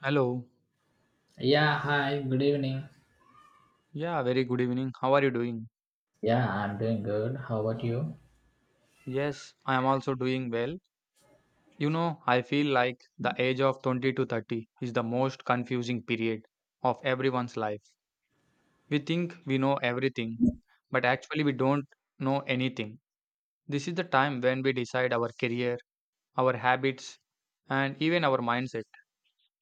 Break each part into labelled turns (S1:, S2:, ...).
S1: Hello.
S2: Yeah, hi, good evening.
S1: Yeah, very good evening. How are you doing?
S2: Yeah, I'm doing good. How about you?
S1: Yes, I am also doing well. You know, I feel like the age of 20 to 30 is the most confusing period of everyone's life. We think we know everything, but actually we don't know anything. This is the time when we decide our career, our habits, and even our mindset.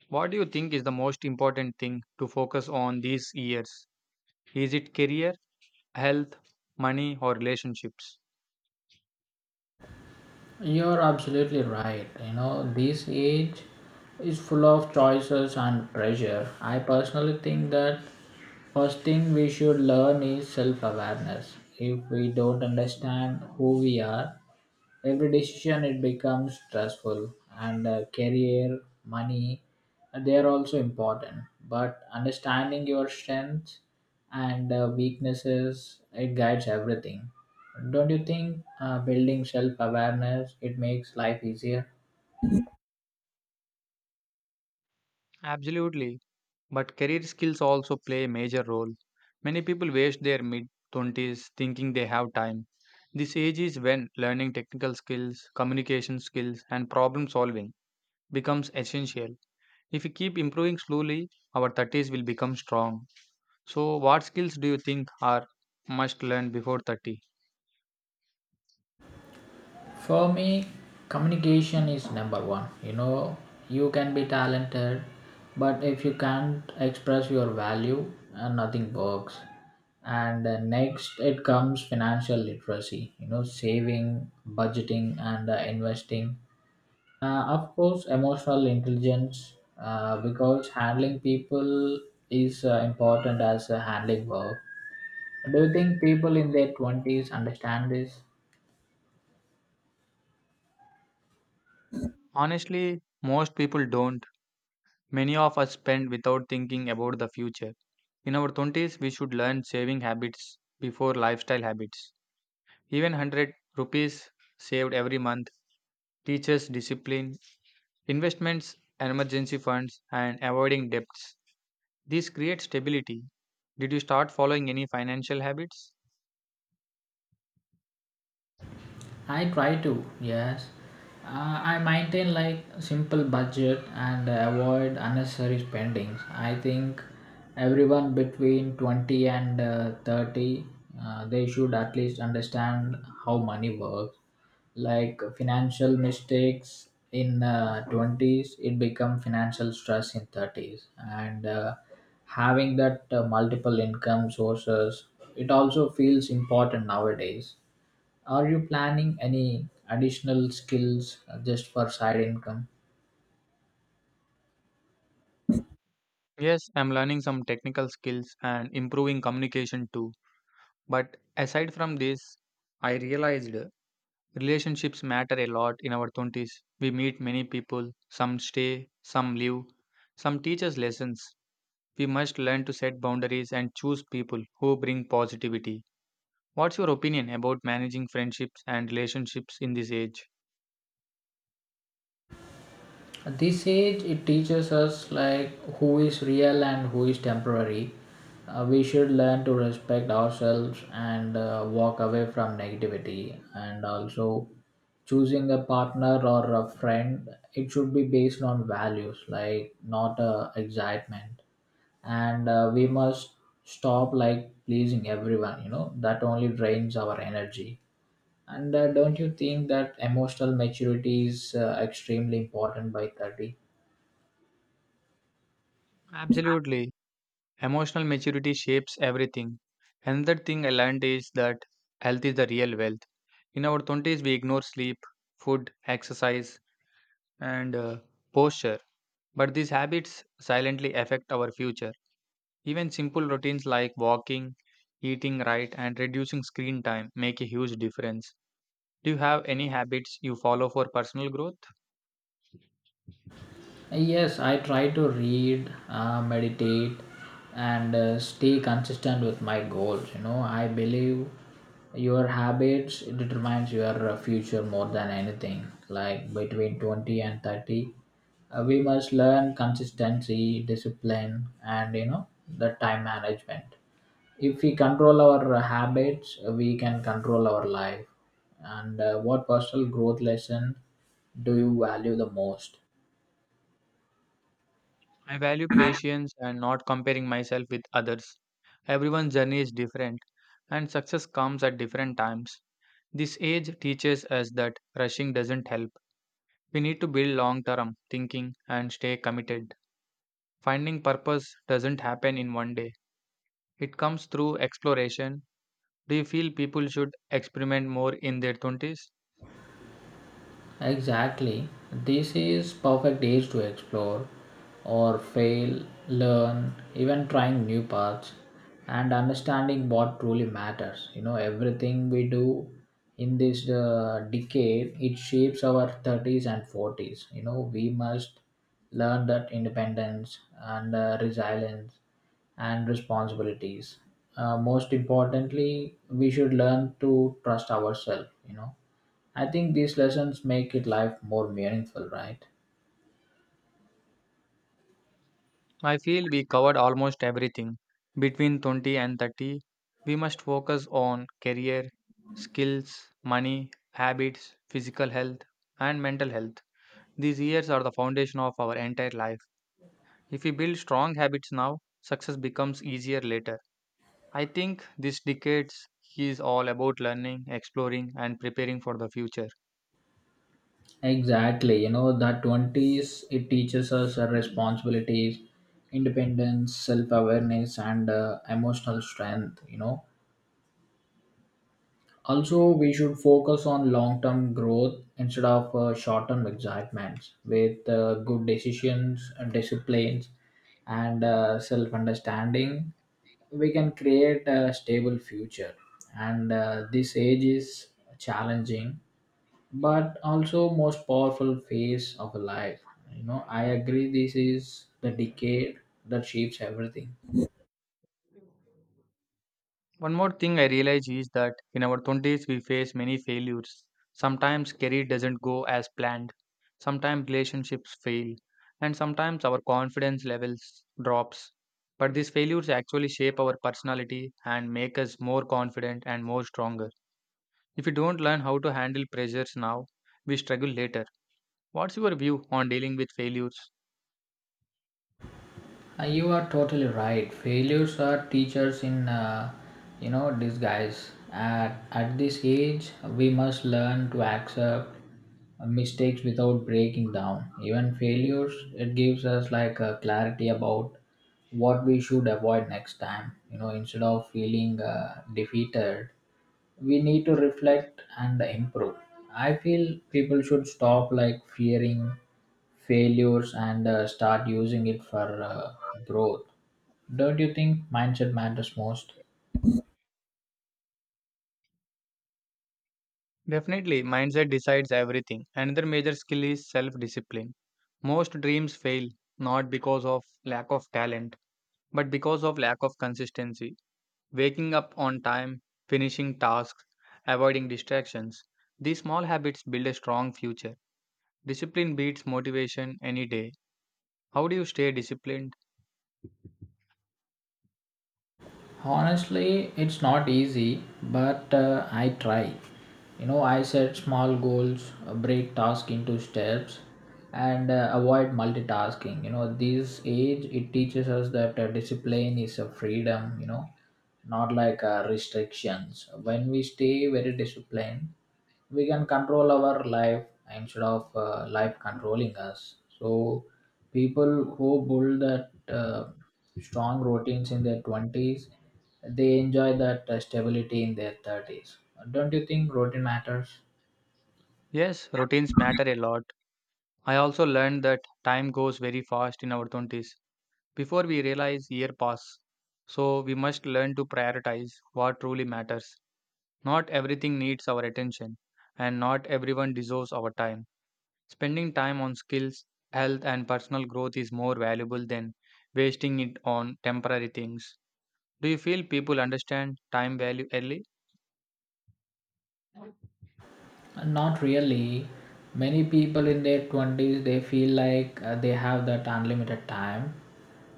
S1: What do you think is the most important thing to focus on these years? Is it career, health, money, or relationships?
S2: You're absolutely right. This age is full of choices and pressure. I personally think that first thing we should learn is self awareness. If we don't understand who we are, every decision it becomes stressful, and career money they are also important, but understanding your strengths and weaknesses it guides everything. Don't you think building self awareness it makes life easier?
S1: Absolutely. But career skills also play a major role. Many people waste their mid 20s thinking they have time. This age is when learning technical skills, communication skills, and problem solving becomes essential. If we keep improving slowly, our 30s will become strong. So, what skills do you think are must learn before 30?
S2: For me, communication is number one. You can be talented, but if you can't express your value, nothing works. And next, it comes financial literacy. Saving, budgeting, and investing. Of course, emotional intelligence, because handling people is important as handling work. Do you think people in their 20s understand this?
S1: Honestly, most people don't. Many of us spend without thinking about the future. In our 20s, we should learn saving habits before lifestyle habits. Even 100 rupees saved every month teaches discipline, investments, emergency funds, and avoiding debts. This creates stability. Did you start following any financial habits?
S2: I try to, yes. I maintain like simple budget and avoid unnecessary spendings. I think everyone between 20 and 30 they should at least understand how money works. Like financial mistakes in 20s it become financial stress in 30s, and having that multiple income sources it also feels important nowadays. Are you planning any additional skills just for side income?
S1: Yes, I'm learning some technical skills and improving communication too. But aside from this, I realized relationships matter a lot in our 20s. We meet many people, some stay, some leave, some teach us lessons. We must learn to set boundaries and choose people who bring positivity. What's your opinion about managing friendships and relationships in this age?
S2: At this age, it teaches us like who is real and who is temporary. We should learn to respect ourselves and walk away from negativity, and also choosing a partner or a friend it should be based on values, like not excitement, and we must stop like pleasing everyone, that only drains our energy. And don't you think that emotional maturity is extremely important by 30?
S1: Absolutely. Emotional maturity shapes everything. Another thing I learned is that health is the real wealth. In our 20s, we ignore sleep, food, exercise, and posture. But these habits silently affect our future. Even simple routines like walking, eating right, and reducing screen time make a huge difference. Do you have any habits you follow for personal growth?
S2: Yes, I try to read, meditate, and stay consistent with my goals. I believe your habits determines your future more than anything. Like between 20 and 30, we must learn consistency, discipline, and the time management. If we control our habits we can control our life, and what personal growth lesson do you value the most?
S1: I value patience and not comparing myself with others. Everyone's journey is different, and success comes at different times. This age teaches us that rushing doesn't help. We need to build long term thinking and stay committed. Finding purpose doesn't happen in one day, it comes through exploration. Do you feel people should experiment more in their 20s?
S2: Exactly. This is perfect age to explore or fail, learn, even trying new paths and understanding what truly matters. Everything we do in this decade, it shapes our 30s and 40s. We must learn that independence and resilience and responsibilities. Most importantly, we should learn to trust ourselves. I think these lessons make it life more meaningful, right?
S1: I feel we covered almost everything. Between 20 and 30, we must focus on career, skills, money, habits, physical health, and mental health. These years are the foundation of our entire life. If we build strong habits now, success becomes easier later. I think this decades is all about learning, exploring, and preparing for the future.
S2: Exactly. That 20s, it teaches us our responsibilities, independence, self awareness, and emotional strength. Also, we should focus on long term growth instead of short term excitements with good decisions, disciplines, and self understanding. We can create a stable future, and this age is challenging but also most powerful phase of life. I agree this is the decade that shapes everything.
S1: One more thing I realize is that in our 20s we face many failures. Sometimes career doesn't go as planned, sometimes relationships fail, and sometimes our confidence levels drops. But these failures actually shape our personality and make us more confident and more stronger. If we don't learn how to handle pressures now, we struggle later. What's your view on dealing with failures?
S2: You are totally right. Failures are teachers in disguise. At this age we must learn to accept mistakes without breaking down. Even failures it gives us like a clarity about what we should avoid next time, instead of feeling defeated we need to reflect and improve. I feel people should stop like fearing failures and start using it for growth. Don't you think mindset matters most?
S1: Definitely, mindset decides everything. Another major skill is self discipline. Most dreams fail not because of lack of talent, but because of lack of consistency. Waking up on time, finishing tasks, avoiding distractions. These small habits build a strong future. Discipline beats motivation any day. How do you stay disciplined?
S2: Honestly, it's not easy, but I try. I set small goals, break tasks into steps, and avoid multitasking. This age it teaches us that discipline is a freedom. Not like restrictions. When we stay very disciplined, we can control our life instead of life controlling us. So people who build that uh, strong routines in their 20s they enjoy that stability in their 30s. Don't you think routine matters?
S1: Yes, routines matter a lot. I also learned that time goes very fast in our 20s. Before we realize year pass. So we must learn to prioritize what truly matters. Not everything needs our attention and not everyone deserves our time. Spending time on skills, health and personal growth is more valuable than wasting it on temporary things. Do you feel people understand time value early?
S2: Not really. Many people in their 20s they feel like they have that unlimited time,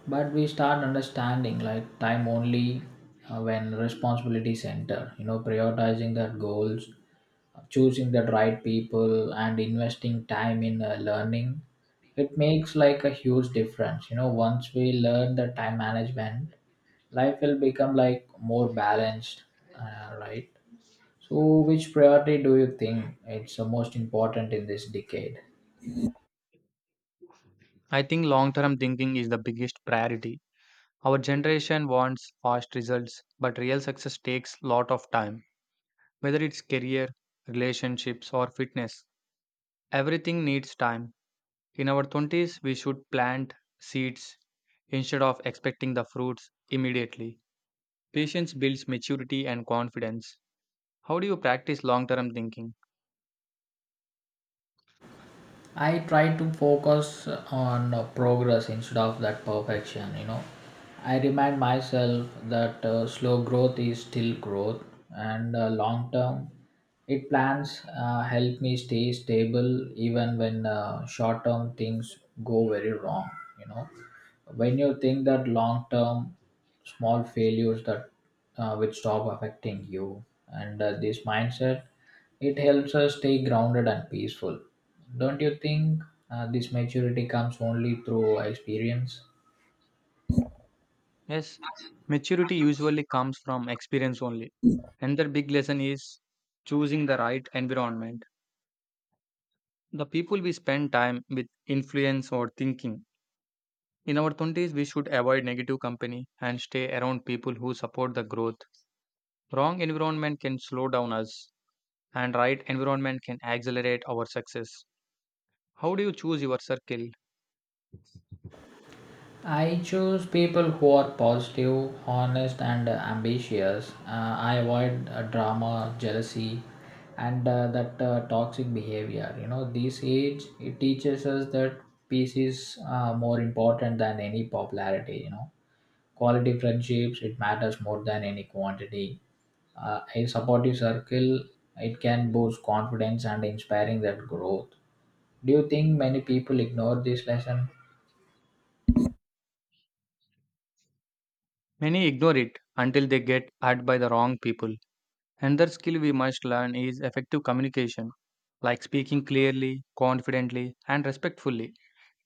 S2: but we start understanding like time only when responsibilities enter. Prioritizing their goals, choosing the right people, and investing time in learning. It makes like a huge difference. Once we learn the time management, life will become like more balanced, right? So, which priority do you think it's the most important in this decade?
S1: I think long-term thinking is the biggest priority. Our generation wants fast results, but real success takes lot of time. Whether it's career, relationships or fitness, everything needs time. In our 20s, we should plant seeds instead of expecting the fruits immediately. Patience builds maturity and confidence. How do you practice long term thinking?
S2: I try to focus on progress instead of that perfection. I remind myself that slow growth is still growth, and long term it plans help me stay stable even when short term things go very wrong, you know. When you think that long term small failures that which stop affecting you, and this mindset it helps us stay grounded and peaceful. Don't you think this maturity comes only through experience?
S1: Yes, maturity usually comes from experience only. Another big lesson is choosing the right environment. The people we spend time with influence our thinking. In our 20s, we should avoid negative company and stay around people who support the growth. Wrong environment can slow down us, and right environment can accelerate our success. How do you choose your circle?
S2: I choose people who are positive, honest, and ambitious. I avoid drama, jealousy, and that toxic behavior. This age it teaches us that peace is more important than any popularity. Quality friendships it matters more than any quantity. A supportive circle it can boost confidence and inspiring that growth. Do you think many people ignore this lesson?
S1: Many ignore it until they get hurt by the wrong people. Another skill we must learn is effective communication, like speaking clearly, confidently, and respectfully,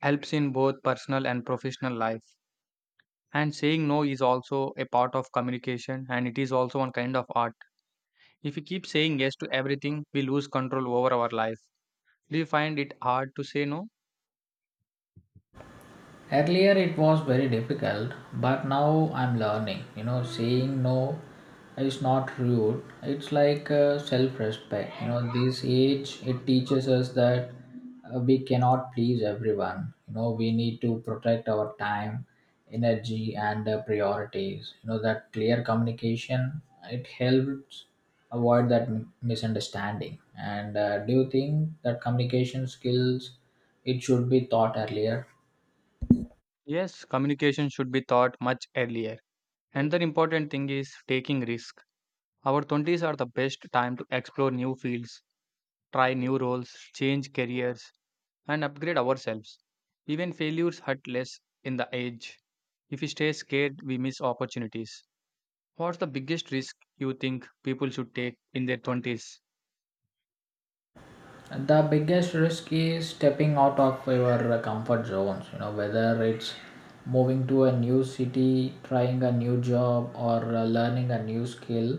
S1: helps in both personal and professional life. And saying no is also a part of communication and it is also one kind of art. If we keep saying yes to everything, we lose control over our life. Do you find it hard to say no?
S2: Earlier it was very difficult, but now I'm learning. Saying no is not rude. It's like self-respect. This age it teaches us that we cannot please everyone. We need to protect our time, energy, and priorities. That clear communication it helps avoid that misunderstanding. And do you think that communication skills it should be taught earlier?
S1: Yes, communication should be taught much earlier. Another important thing is taking risk. Our 20s are the best time to explore new fields, try new roles, change careers, and upgrade ourselves. Even failures hurt less in the age. If we stay scared, we miss opportunities. What's the biggest risk you think people should take in their 20s?
S2: The biggest risk is stepping out of your comfort zones, whether it's moving to a new city, trying a new job, or learning a new skill.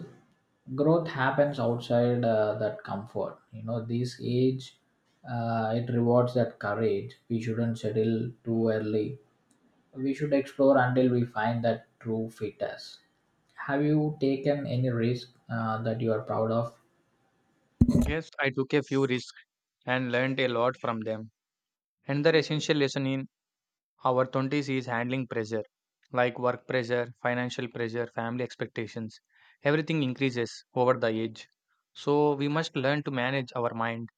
S2: Growth happens outside that comfort. This age, it rewards that courage. We shouldn't settle too early. We should explore until we find that true fit us. Have you taken any risk that you are proud of?
S1: Yes, I took a few risks and learned a lot from them. Another essential lesson in our 20s is handling pressure like work pressure, financial pressure, family expectations. Everything increases over the age. So we must learn to manage our mind,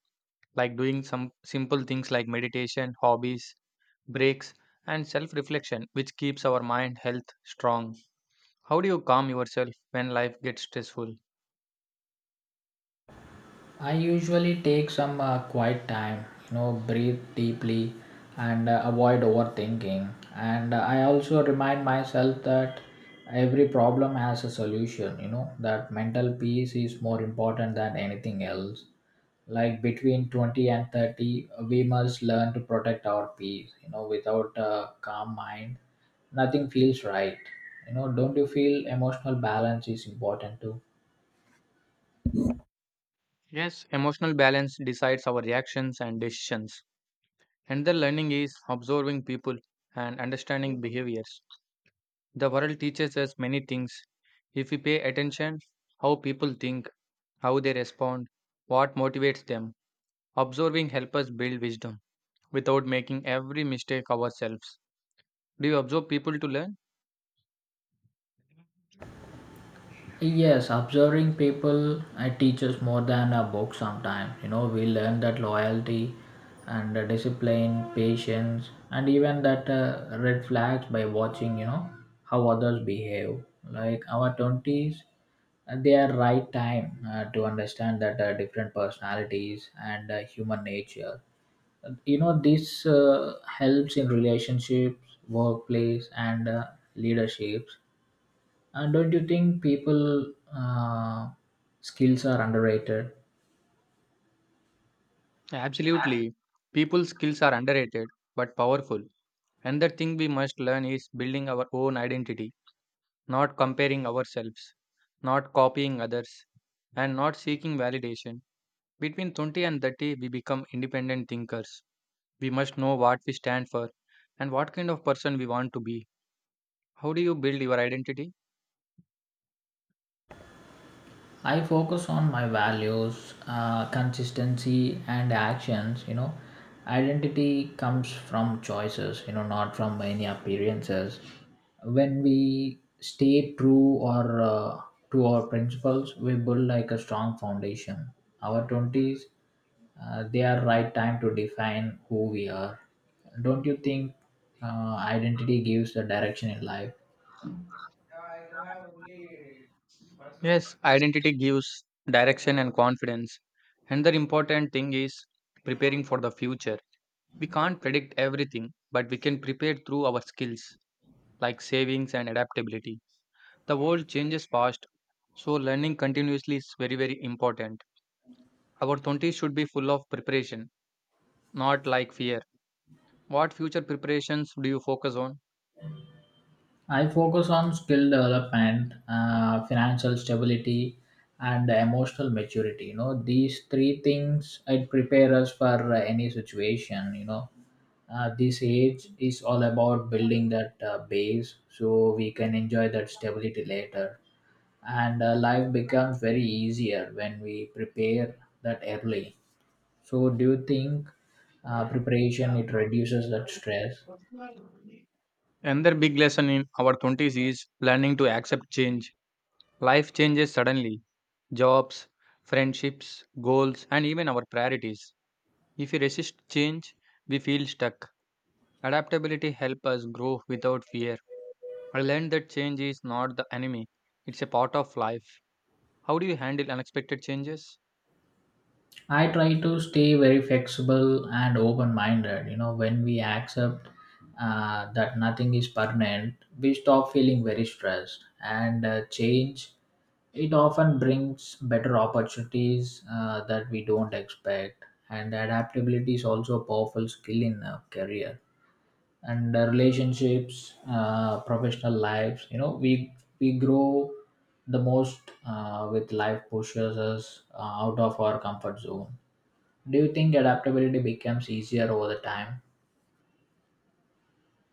S1: like doing some simple things like meditation, hobbies, breaks, and self reflection, which keeps our mind health strong. How do you calm yourself when life gets stressful?
S2: I usually take some quiet time, breathe deeply and avoid overthinking. And I also remind myself that every problem has a solution, that mental peace is more important than anything else. Like between 20 and 30, we must learn to protect our peace, without a calm mind, nothing feels right. Don't you feel emotional balance is important too?
S1: Yes, emotional balance decides our reactions and decisions. And the learning is observing people and understanding behaviors. The world teaches us many things. If we pay attention, how people think, how they respond, what motivates them, observing helps us build wisdom without making every mistake ourselves. Do you observe people to learn?
S2: Yes, observing people teaches more than a book sometimes. We learn that loyalty and discipline, patience, and even that red flags by watching, how others behave. Like our 20s, they are right time to understand that different personalities and human nature. This helps in relationships, workplace, and leaderships, and don't you think people skills are underrated?
S1: Absolutely. People's skills are underrated but powerful. Another thing we must learn is building our own identity, not comparing ourselves, not copying others, and not seeking validation. Between 20 and 30, we become independent thinkers. We must know what we stand for and what kind of person we want to be. How do you build your identity?
S2: I focus on my values, consistency, and actions. Identity comes from choices. Not from any appearances. When we stay true or to our principles, we build like a strong foundation. Our 20s they are right time to define who we are. Don't you think identity gives the direction in life?
S1: Yes, identity gives direction and confidence. Another important thing is preparing for the future. We can't predict everything, but we can prepare through our skills like savings and adaptability. The world changes fast, so learning continuously is very, very important. Our 20s should be full of preparation, not like fear. What future preparations do you focus on?
S2: I focus on skill development, financial stability, and emotional maturity. These three things it prepare us for any situation. This age is all about building that base so we can enjoy that stability later. And life becomes very easier when we prepare that early. So do you think preparation it reduces that stress?
S1: Another big lesson in our 20s is learning to accept change. Life changes suddenly jobs, friendships, goals, and even our priorities. If we resist change, we feel stuck. Adaptability helps us grow without fear. I learned that change is not the enemy, it's a part of life. How do you handle unexpected changes?
S2: I try to stay very flexible and open minded. When we accept that nothing is permanent, we stop feeling very stressed and change. It often brings better opportunities that we don't expect, and adaptability is also a powerful skill in a career. And relationships, professional lives, you know, we grow the most with life pushes us out of our comfort zone. Do you think adaptability becomes easier over the time?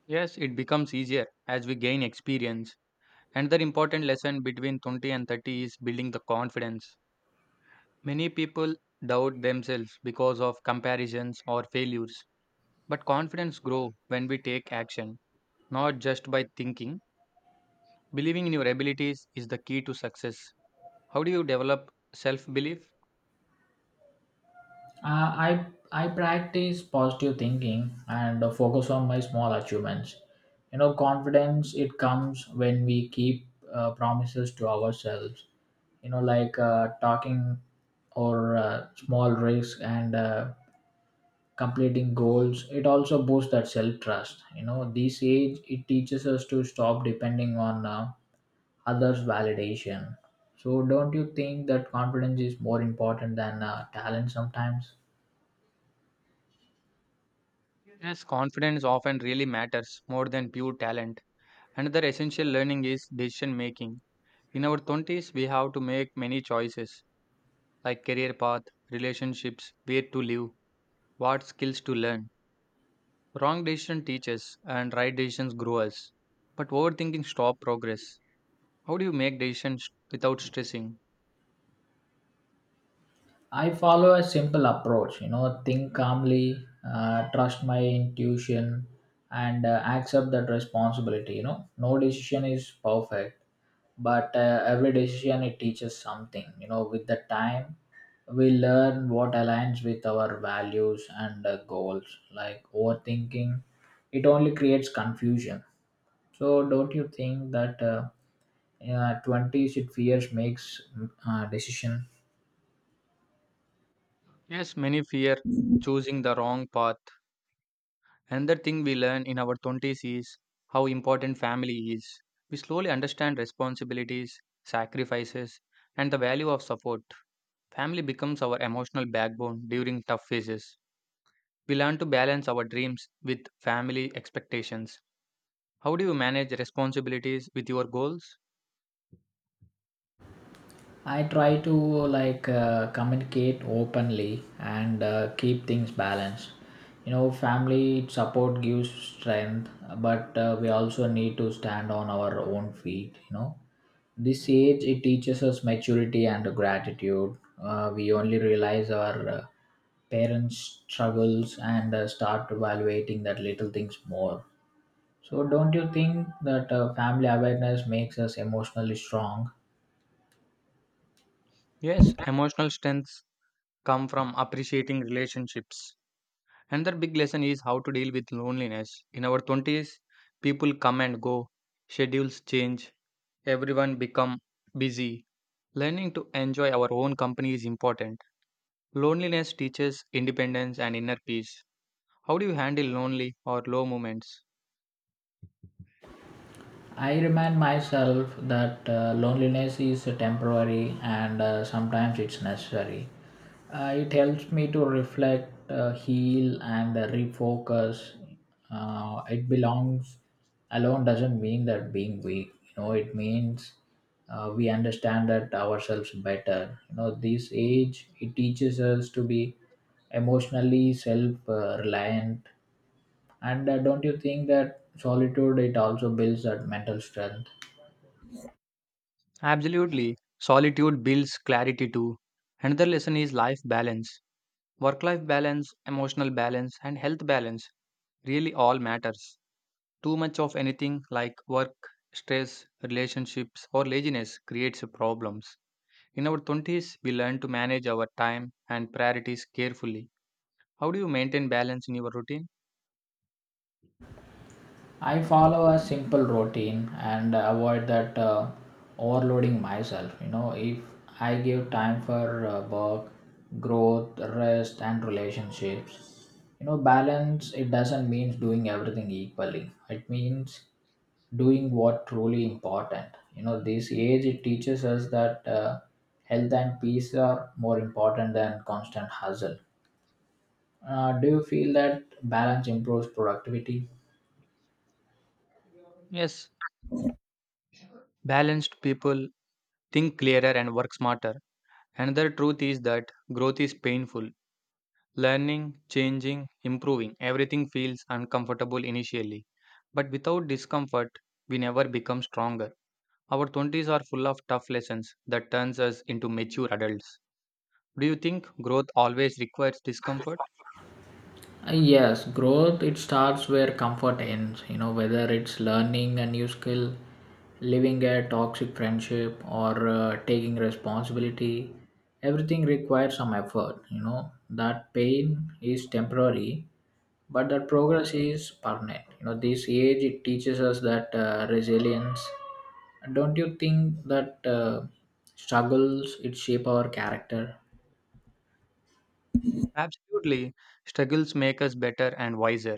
S1: Yes, it becomes easier as we gain experience. Another important lesson between 20 and 30 is building the confidence. Many people doubt themselves because of comparisons or failures. But confidence grows when we take action, not just by thinking. Believing in your abilities is the key to success. How do you develop self belief?
S2: I I practice positive thinking and focus on my small achievements. You know, confidence it comes when we keep promises to ourselves, you know, like talking or small risks, and completing goals it also boosts that self trust. You know, this age it teaches us to stop depending on others validation. So don't you think that confidence is more important than talent sometimes?
S1: Yes, confidence often really matters more than pure talent. Another essential learning is decision making. In our 20s, we have to make many choices like career path, relationships, where to live, what skills to learn. Wrong decision teaches and right decisions grow us. But overthinking stop progress. How do you make decisions without stressing?
S2: I follow a simple approach, you know, think calmly, trust my intuition, and accept that responsibility. You know, no decision is perfect, but every decision it teaches something. You know, with the time we learn what aligns with our values and goals. Like overthinking, it only creates confusion. So don't you think that 20s it fears makes decision?
S1: Yes, many fear choosing the wrong path. Another thing we learn in our 20s is how important family is. We slowly understand responsibilities, sacrifices, and the value of support. Family becomes our emotional backbone during tough phases. We learn to balance our dreams with family expectations. How do you manage responsibilities with your goals?
S2: I try to like communicate openly and keep things balanced. You know, family support gives strength, but we also need to stand on our own feet. You know, this age it teaches us maturity and gratitude. We only realize our parents' struggles and start evaluating that little things more. So, don't you think that family awareness makes us emotionally strong?
S1: Yes, emotional strengths come from appreciating relationships. Another big lesson is how to deal with loneliness. In our 20s, people come and go, schedules change, everyone become busy. Learning to enjoy our own company is important. Loneliness teaches independence and inner peace. How do you handle lonely or low moments?
S2: I remind myself that loneliness is temporary and sometimes it's necessary. It helps me to reflect, heal, and refocus. It belongs alone doesn't mean that being weak. You know, it means we understand that ourselves better. You know, this age it teaches us to be emotionally self-reliant, and don't you think that solitude it also builds that mental strength?
S1: Absolutely. Solitude builds clarity too. Another lesson is life balance. Work life balance, emotional balance, and health balance really all matters. Too much of anything like work, stress, relationships, or laziness creates problems. In our 20s, we learn to manage our time and priorities carefully. How do you maintain balance in your routine?
S2: I follow a simple routine and avoid that overloading myself. You know, if I give time for work, growth, rest, and relationships, you know, balance it doesn't mean doing everything equally. It means doing what truly important. You know, this age it teaches us that health and peace are more important than constant hustle. Do you feel that balance improves productivity?
S1: Yes, balanced people think clearer and work smarter. Another truth is that growth is painful. Learning, changing, improving, everything feels uncomfortable initially. But without discomfort, we never become stronger. Our 20s are full of tough lessons that turns us into mature adults. Do you think growth always requires discomfort?
S2: Yes, growth it starts where comfort ends. You know, whether it's learning a new skill, living a toxic friendship, or taking responsibility. Everything requires some effort. You know that pain is temporary, but that progress is permanent. You know, this age it teaches us that resilience. Don't you think that struggles it shape our character?
S1: Absolutely. Struggles make us better and wiser.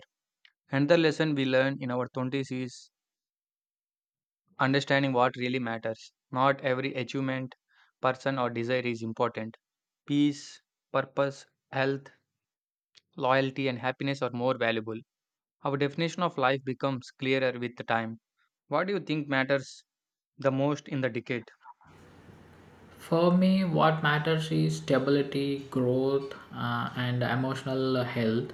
S1: Another lesson we learn in our 20s is understanding what really matters. Not every achievement, person, or desire is important. Peace, purpose, health, loyalty and happiness are more valuable. Our definition of life becomes clearer with the time. What do you think matters the most in the decade?
S2: For me, what matters is stability, growth, and emotional health.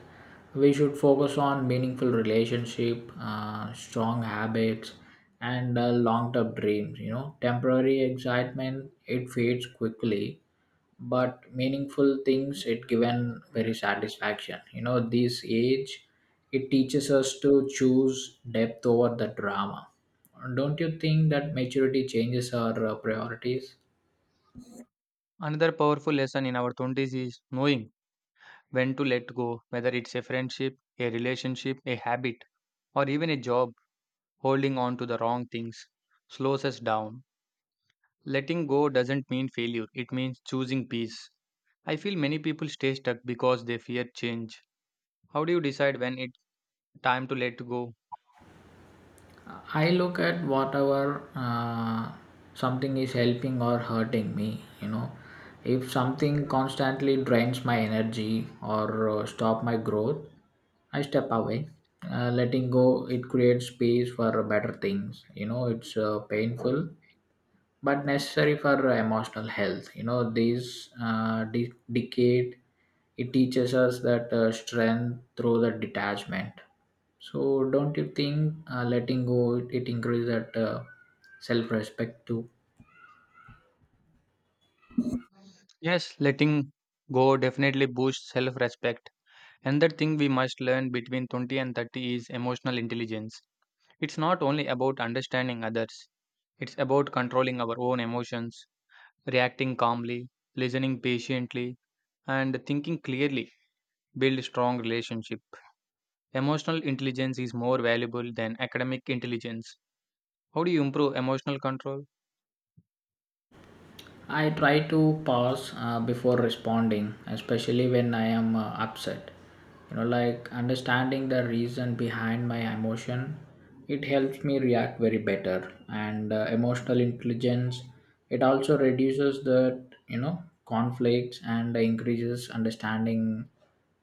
S2: We should focus on meaningful relationship, strong habits, and long-term dreams. You know, temporary excitement it fades quickly, but meaningful things it given very satisfaction. You know, this age it teaches us to choose depth over the drama. Don't you think that maturity changes our priorities?
S1: Another powerful lesson in our 20s is knowing when to let go, whether it's a friendship, a relationship, a habit, or even a job. Holding on to the wrong things slows us down. Letting go doesn't mean failure, it means choosing peace. I feel many people stay stuck because they fear change. How do you decide when it's time to let go?
S2: I look at whatever something is helping or hurting me. You know, if something constantly drains my energy or stop my growth, I step away. Letting go, it creates space for better things. You know, it's painful but necessary for emotional health. You know, this decade it teaches us that strength through the detachment. So don't you think letting go it increases that self-respect too?
S1: Yes, letting go definitely boosts self respect. Another thing we must learn between 20 and 30 is emotional intelligence. It's not only about understanding others, it's about controlling our own emotions, reacting calmly, listening patiently, and thinking clearly. Build strong relationship. Emotional intelligence is more valuable than academic intelligence. How do you improve emotional control?
S2: I try to pause before responding, especially when I am upset. You know, like understanding the reason behind my emotion, it helps me react very better. And emotional intelligence, it also reduces the, you know, conflicts and increases understanding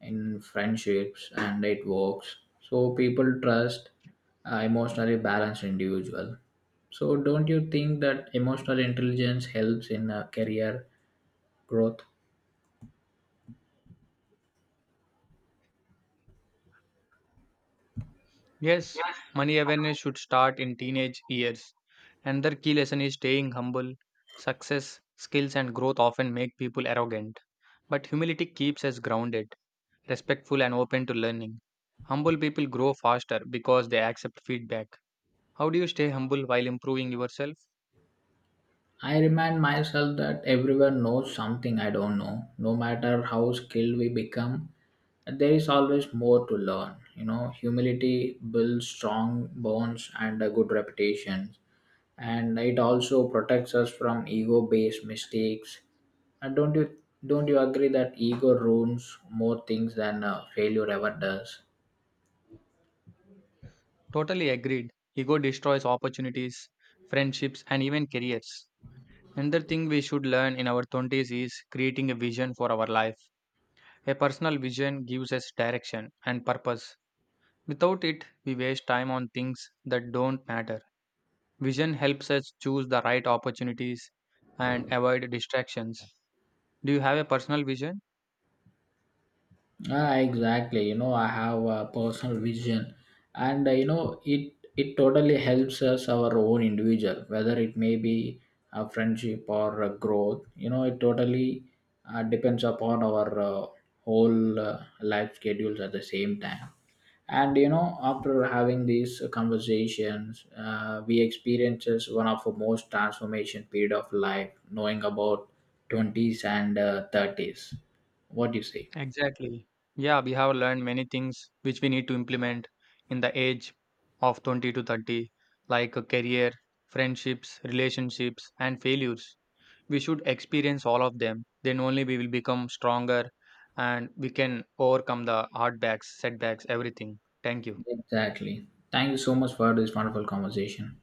S2: in friendships and it works. So people trust emotionally balanced individual. So, don't you think that emotional intelligence helps in career growth?
S1: Yes, money awareness should start in teenage years. Another key lesson is staying humble. Success, skills, and growth often make people arrogant, but humility keeps us grounded, respectful, and open to learning. Humble people grow faster because they accept feedback. How do you stay humble while improving yourself?
S2: I remind myself that everyone knows something I don't know. No matter how skilled we become, there is always more to learn. You know, humility builds strong bonds and a good reputation, and it also protects us from ego-based mistakes. And don't you agree that ego ruins more things than failure ever does?
S1: Totally agreed. Ego destroys opportunities, friendships, and even careers. Another thing we should learn in our 20s is creating a vision for our life. A personal vision gives us direction and purpose. Without it, we waste time on things that don't matter. Vision helps us choose the right opportunities and avoid distractions. Do you have a personal vision?
S2: Ah, exactly. You know, I have a personal vision, and you know, it totally helps us our own individual, whether it may be a friendship or a growth. You know, it totally depends upon our whole life schedules at the same time. And you know, after having these conversations, we experiences one of the most transformation period of life, knowing about twenties and thirties. What do you say?
S1: Exactly. Yeah, we have learned many things which we need to implement in the age of 20 to 30, like a career, friendships, relationships, and failures. We should experience all of them then only we will become stronger, and we can overcome the hard backs setbacks everything. Thank you.
S2: Exactly. Thank you so much for this wonderful conversation.